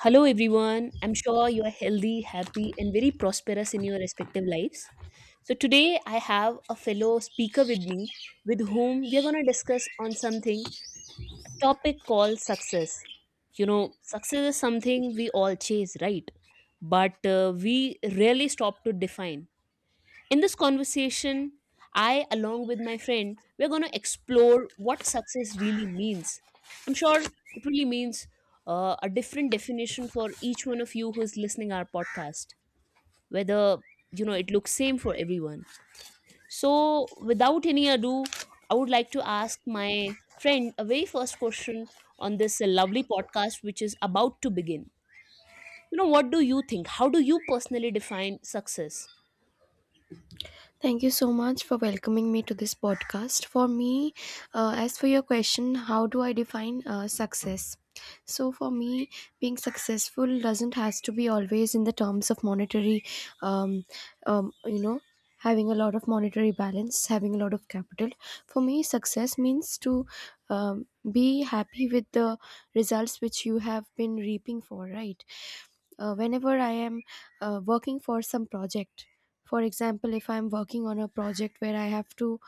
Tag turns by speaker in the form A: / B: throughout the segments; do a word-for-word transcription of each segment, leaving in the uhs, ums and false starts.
A: Hello, everyone. I'm sure you are healthy, happy, and very prosperous in your respective lives. So, today I have a fellow speaker with me with whom we are going to discuss on something, a topic called success. You know, success is something we all chase, right? But uh, we rarely stop to define. In this conversation, I, along with my friend, we're going to explore what success really means. I'm sure it really means uh, a different definition for each one of you who's listening our podcast, whether you know it looks same for everyone. So, without any ado, I would like to ask my friend a very first question on this uh, lovely podcast, which is about to begin. You know, what do you think? How do you personally define success?
B: Thank you so much for welcoming me to this podcast. For me, uh, as for your question, how do I define uh, success? So for me, being successful doesn't has to be always in the terms of monetary, um, um, you know, having a lot of monetary balance, having a lot of capital. For me, success means to um, be happy with the results which you have been reaping for, right? Uh, whenever I am uh, working for some project. For example, if I'm working on a project where I have to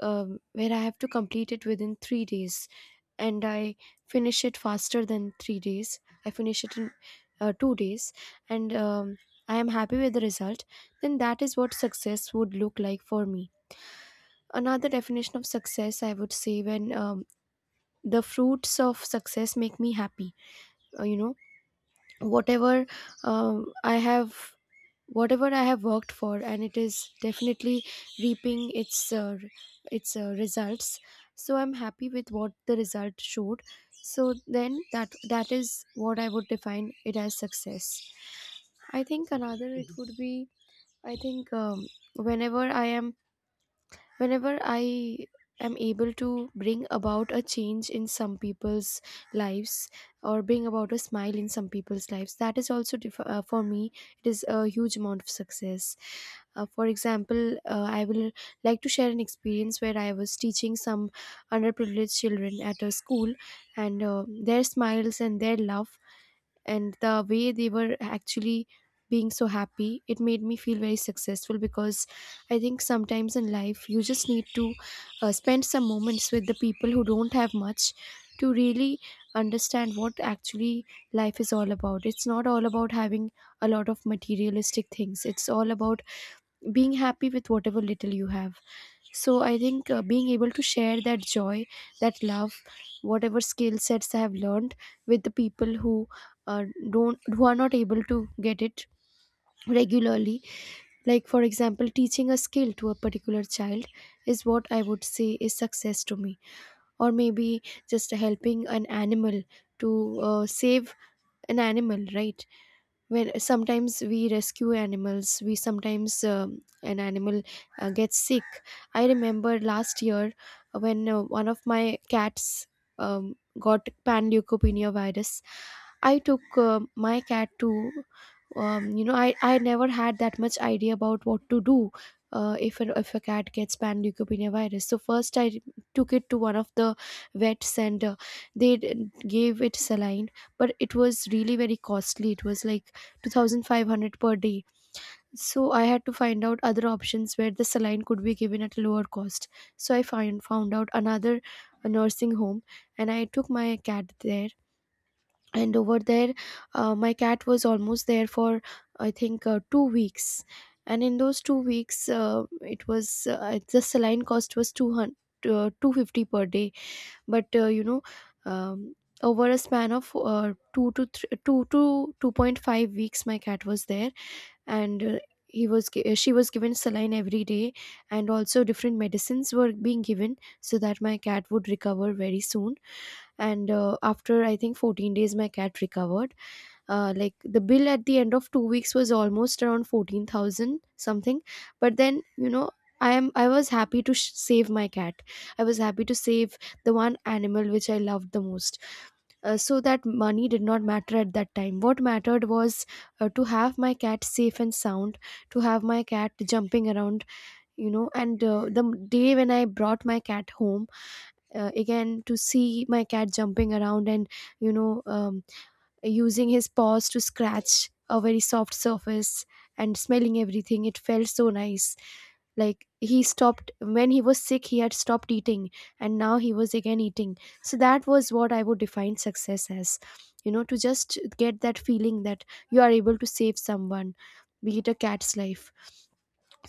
B: um, where I have to complete it within three days, and I finish it faster than three days, I finish it in uh, two days, and um, I am happy with the result. Then that is what success would look like for me. Another definition of success, I would say, when um, the fruits of success make me happy. Uh, you know, whatever um, I have Whatever I have worked for, and it is definitely reaping its uh, re- its uh, results. So I'm happy with what the result showed. So then that that is what I would define it as success. I think another it would be I think um, Whenever I am whenever i am able to bring about a change in some people's lives, or bring about a smile in some people's lives, that is also dif- uh, for me it is a huge amount of success. Uh, for example, uh, I will like to share an experience where I was teaching some underprivileged children at a school, and uh, their smiles and their love and the way they were actually being so happy, it made me feel very successful. Because I think sometimes in life you just need to uh, spend some moments with the people who don't have much, to really understand what actually life is all about. It's not all about having a lot of materialistic things, it's all about being happy with whatever little you have. So I think uh, being able to share that joy, that love, whatever skill sets I have learned with the people who uh, don't who are not able to get it regularly, like for example teaching a skill to a particular child, is what I would say is success to me. Or maybe just helping an animal, to uh, save an animal, right? Where sometimes we rescue animals, we sometimes um, an animal uh, gets sick. I remember last year when uh, one of my cats um, got panleukopenia virus. I took uh, my cat to, um, you know, I, I never had that much idea about what to do uh, if, a, if a cat gets panleukopenia virus. So first I took it to one of the vets and uh, they d- gave it saline, but it was really very costly. It was like two thousand five hundred per day. So I had to find out other options where the saline could be given at a lower cost. So I find, found out another nursing home, and I took my cat there. And over there, uh, my cat was almost there for i think uh, two weeks. And in those two weeks, uh, it was uh, the saline cost was two hundred uh, two hundred fifty per day. But uh, you know um, over a span of uh, two to three, two to two point five weeks my cat was there, and uh, he was gi- uh, she was given saline every day, and also different medicines were being given so that my cat would recover very soon. And uh, after I think fourteen days my cat recovered. Uh, like the bill at the end of two weeks was almost around fourteen thousand something. But then, you know, I am I was happy to sh- save my cat. I was happy to save the one animal which I loved the most. Uh, so that money did not matter at that time. What mattered was uh, to have my cat safe and sound, to have my cat jumping around, you know. And uh, the day when I brought my cat home, uh, again to see my cat jumping around and you know um, using his paws to scratch a very soft surface and smelling everything, it felt so nice. Like he stopped when he was sick, he had stopped eating, and now he was again eating. So that was what I would define success as. You know, to just get that feeling that you are able to save someone, be it a cat's life.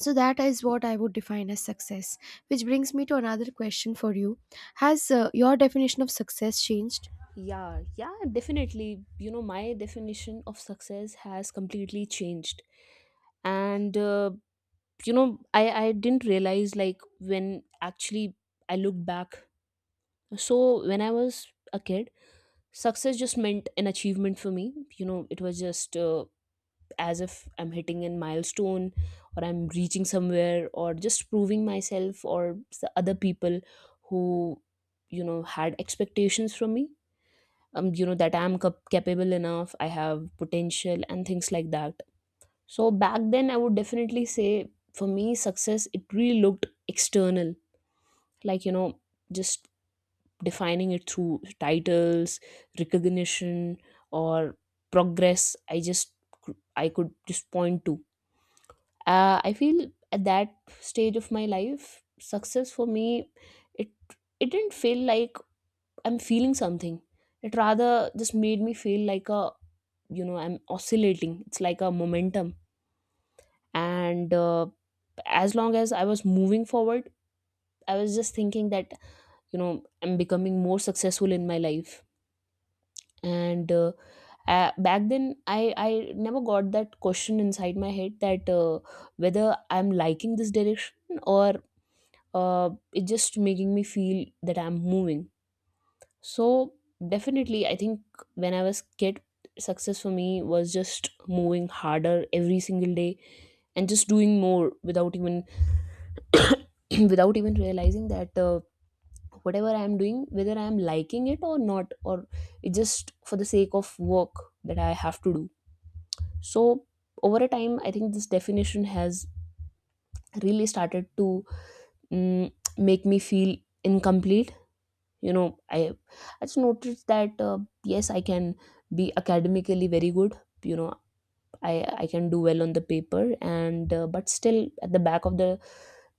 B: So that is what I would define as success. Which brings me to another question for you. Has uh, your definition of success changed?
A: Yeah, yeah, definitely. You know, my definition of success has completely changed. And, uh, you know, I, I didn't realize like when actually I look back. So, when I was a kid, success just meant an achievement for me. You know, it was just uh, as if I'm hitting a milestone or I'm reaching somewhere or just proving myself or the other people who, you know, had expectations from me. Um, you know that i'm cap- capable enough, I have potential and things like that. So back then I would definitely say for me success, it really looked external, like, you know, just defining it through titles, recognition or progress. i just I could just point to, uh, I feel at that stage of my life success for me, it it didn't feel like I'm feeling something. It rather just made me feel like a, you know, I'm oscillating, it's like a momentum. And uh, As long as I was moving forward, I was just thinking that, you know, I'm becoming more successful in my life. And uh, uh, Back then, i i never got that question inside my head that uh, whether I'm liking this direction or uh, it's just making me feel that I'm moving. So definitely I think when I was kid, success for me was just moving harder every single day and just doing more without even without even realizing that uh, whatever I am doing, whether I am liking it or not, or it's just for the sake of work that I have to do. So over a time I think this definition has really started to mm, make me feel incomplete. You know, i i just noticed that uh, yes, I can be academically very good. You know, I I can do well on the paper, and uh, but still at the back of the,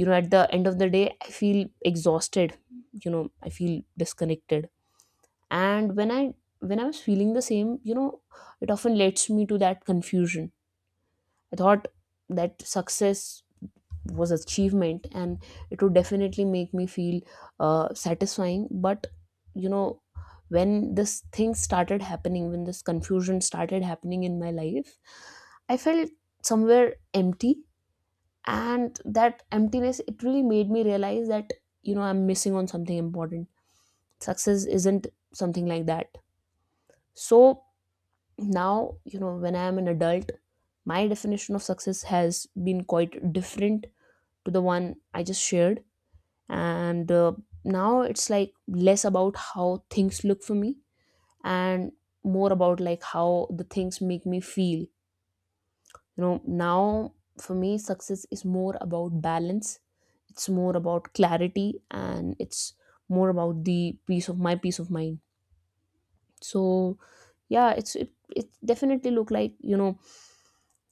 A: you know, at the end of the day I feel exhausted. You know, I feel disconnected. And when I when I was feeling the same, you know, it often leads me to that confusion. I thought that success was achievement and it would definitely make me feel uh, satisfying. But you know, when this thing started happening when this confusion started happening in my life, I felt somewhere empty. And that emptiness, it really made me realize that, you know, I'm missing on something important. Success isn't something like that. So now, you know, when I am an adult, my definition of success has been quite different to the one I just shared. And uh, Now it's like less about how things look for me and more about like how the things make me feel. You know, now for me success is more about balance, it's more about clarity, and it's more about the peace of my peace of mind. So yeah, it's it, it definitely look like, you know,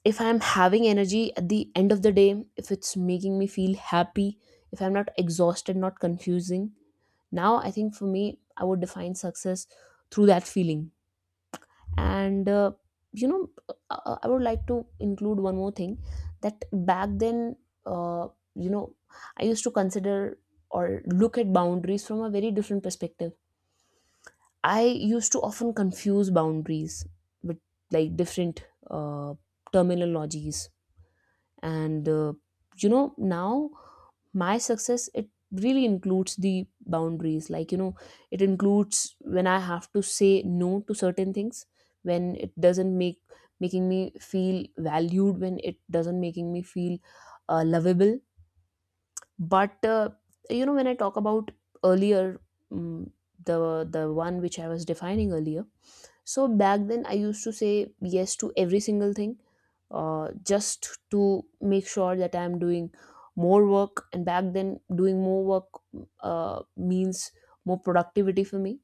A: if I'm having energy at the end of the day, if it's making me feel happy, if I'm not exhausted, not confusing. Now I think for me I would define success through that feeling. And uh, you know uh, uh, I would like to include one more thing, that back then, uh, you know, I used to consider or look at boundaries from a very different perspective. I used to often confuse boundaries with like different uh, terminologies. And uh, You know, now my success, it really includes the boundaries, like, you know, it includes when I have to say no to certain things, when it doesn't make making me feel valued, when it doesn't making me feel uh, lovable. But uh, you know, when I talk about earlier, mm the the one which I was defining earlier, so back then I used to say yes to every single thing, uh, just to make sure that I'm doing more work. And back then, doing more work uh, means more productivity for me.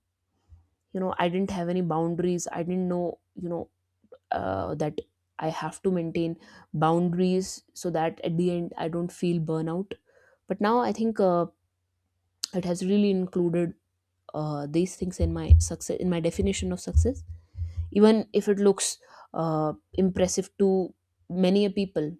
A: You know, I didn't have any boundaries. I didn't know, you know, uh, that I have to maintain boundaries so that at the end I don't feel burnout. But now I think uh, it has really included uh, these things in my success, in my definition of success, even if it looks uh, impressive to many a people.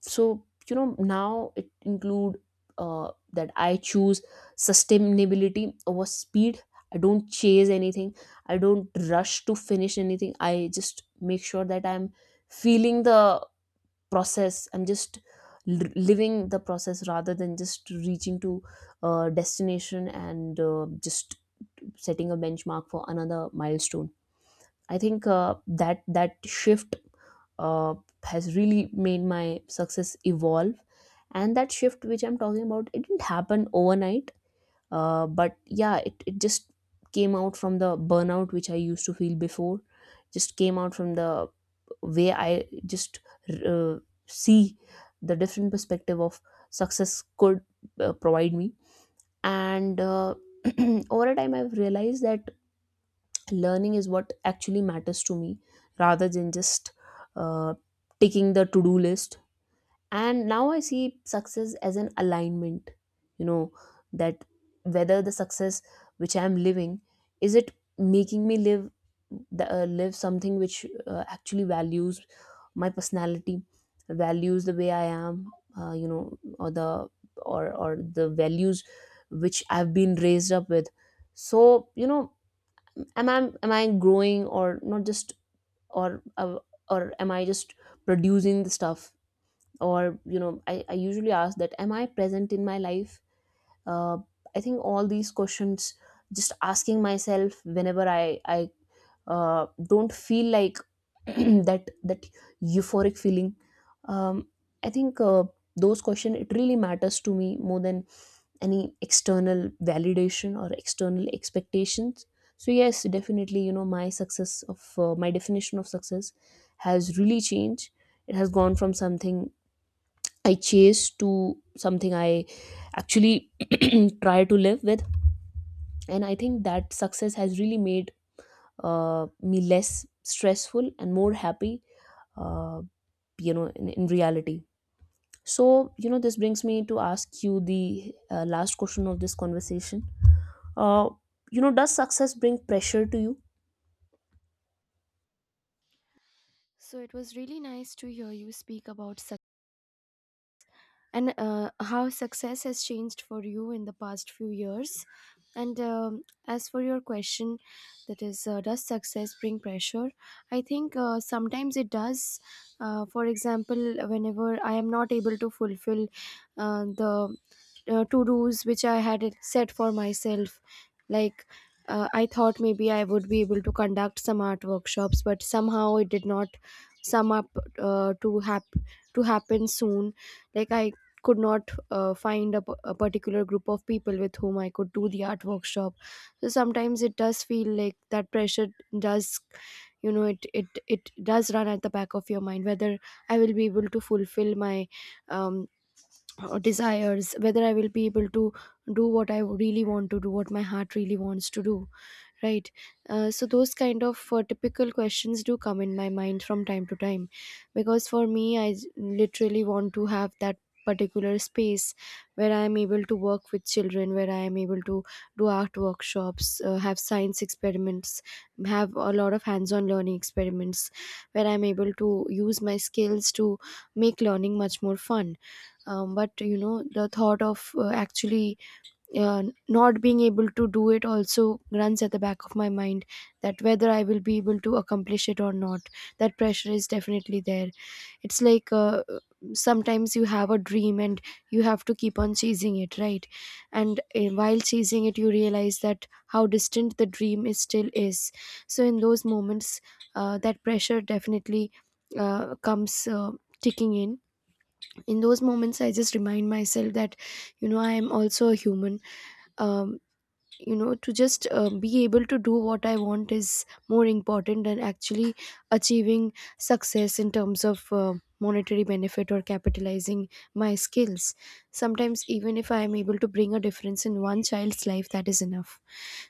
A: So you know, now it include uh, that I choose sustainability over speed. I don't chase anything, I don't rush to finish anything. I just make sure that I'm feeling the process. I'm just l- living the process rather than just reaching to a destination and uh, just setting a benchmark for another milestone. I think uh, that that shift, uh, has really made my success evolve. And that shift which I'm talking about, it didn't happen overnight. Uh, but yeah, it, it just came out from the burnout which I used to feel before. Just came out from the way I just uh, see the different perspective of success could uh, provide me. And uh, Over a time I've realized that learning is what actually matters to me rather than just uh, taking the to-do list. And now I see success as an alignment, you know, that whether the success which I am living, is it making me live the, uh, live something which uh, actually values my personality, values the way I am, uh, you know, or the or or the values which I've been raised up with. So you know, am I, am I growing or not just or uh, or am I just producing the stuff? Or you know, I, I usually ask that am I present in my life. uh, I think all these questions, just asking myself whenever i i uh, don't feel like that that euphoric feeling. um, I think uh, those questions, it really matters to me more than any external validation or external expectations. So yes, definitely, you know, my success of uh, my definition of success has really changed. It has gone from something I chase to something I actually try to live with. And I think that success has really made uh, me less stressful and more happy, uh, you know, in, in reality. So you know, this brings me to ask you the uh, last question of this conversation. uh, you know, does success bring pressure to you?
B: So it was really nice to hear you speak about success, and uh, how success has changed for you in the past few years. And um, as for your question, that is, uh, does success bring pressure? I think uh, sometimes it does. Uh, for example, whenever I am not able to fulfill uh, the uh, to dos which I had it set for myself, like uh, I thought maybe I would be able to conduct some art workshops, but somehow it did not sum up uh, to hap- to happen soon. Like I could not uh, find a, p- a particular group of people with whom I could do the art workshop. So sometimes it does feel like that pressure does, you know, it it it does run at the back of your mind whether I will be able to fulfill my um, desires, whether I will be able to do what I really want to do, what my heart really wants to do, right? Uh, so those kind of uh, typical questions do come in my mind from time to time. Because for me i s- literally want to have that particular space where I am able to work with children, where I am able to do art workshops, uh, have science experiments, have a lot of hands on learning experiments, where I'm able to use my skills to make learning much more fun. Um, but you know the thought of uh, actually uh, not being able to do it also runs at the back of my mind, that whether I will be able to accomplish it or not. That pressure is definitely there. It's like uh, sometimes you have a dream and you have to keep on chasing it, right? And uh, while chasing it, you realize that how distant the dream is still is. So in those moments, uh, that pressure definitely uh, comes. Uh, ticking in in those moments, I just remind myself that you know I am also a human. um, you know, to just uh, be able to do what I want is more important than actually achieving success in terms of uh, monetary benefit or capitalizing my skills. Sometimes even if I am able to bring a difference in one child's life, that is enough.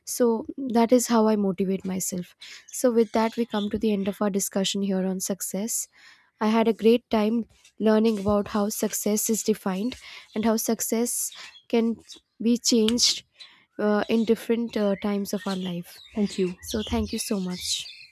B: So that is how I motivate myself. So, with that, we come to the end of our discussion here on success. I had a great time learning about how success is defined and how success can be changed uh, in different uh, times of our life.
A: Thank you.
B: So, thank you so much.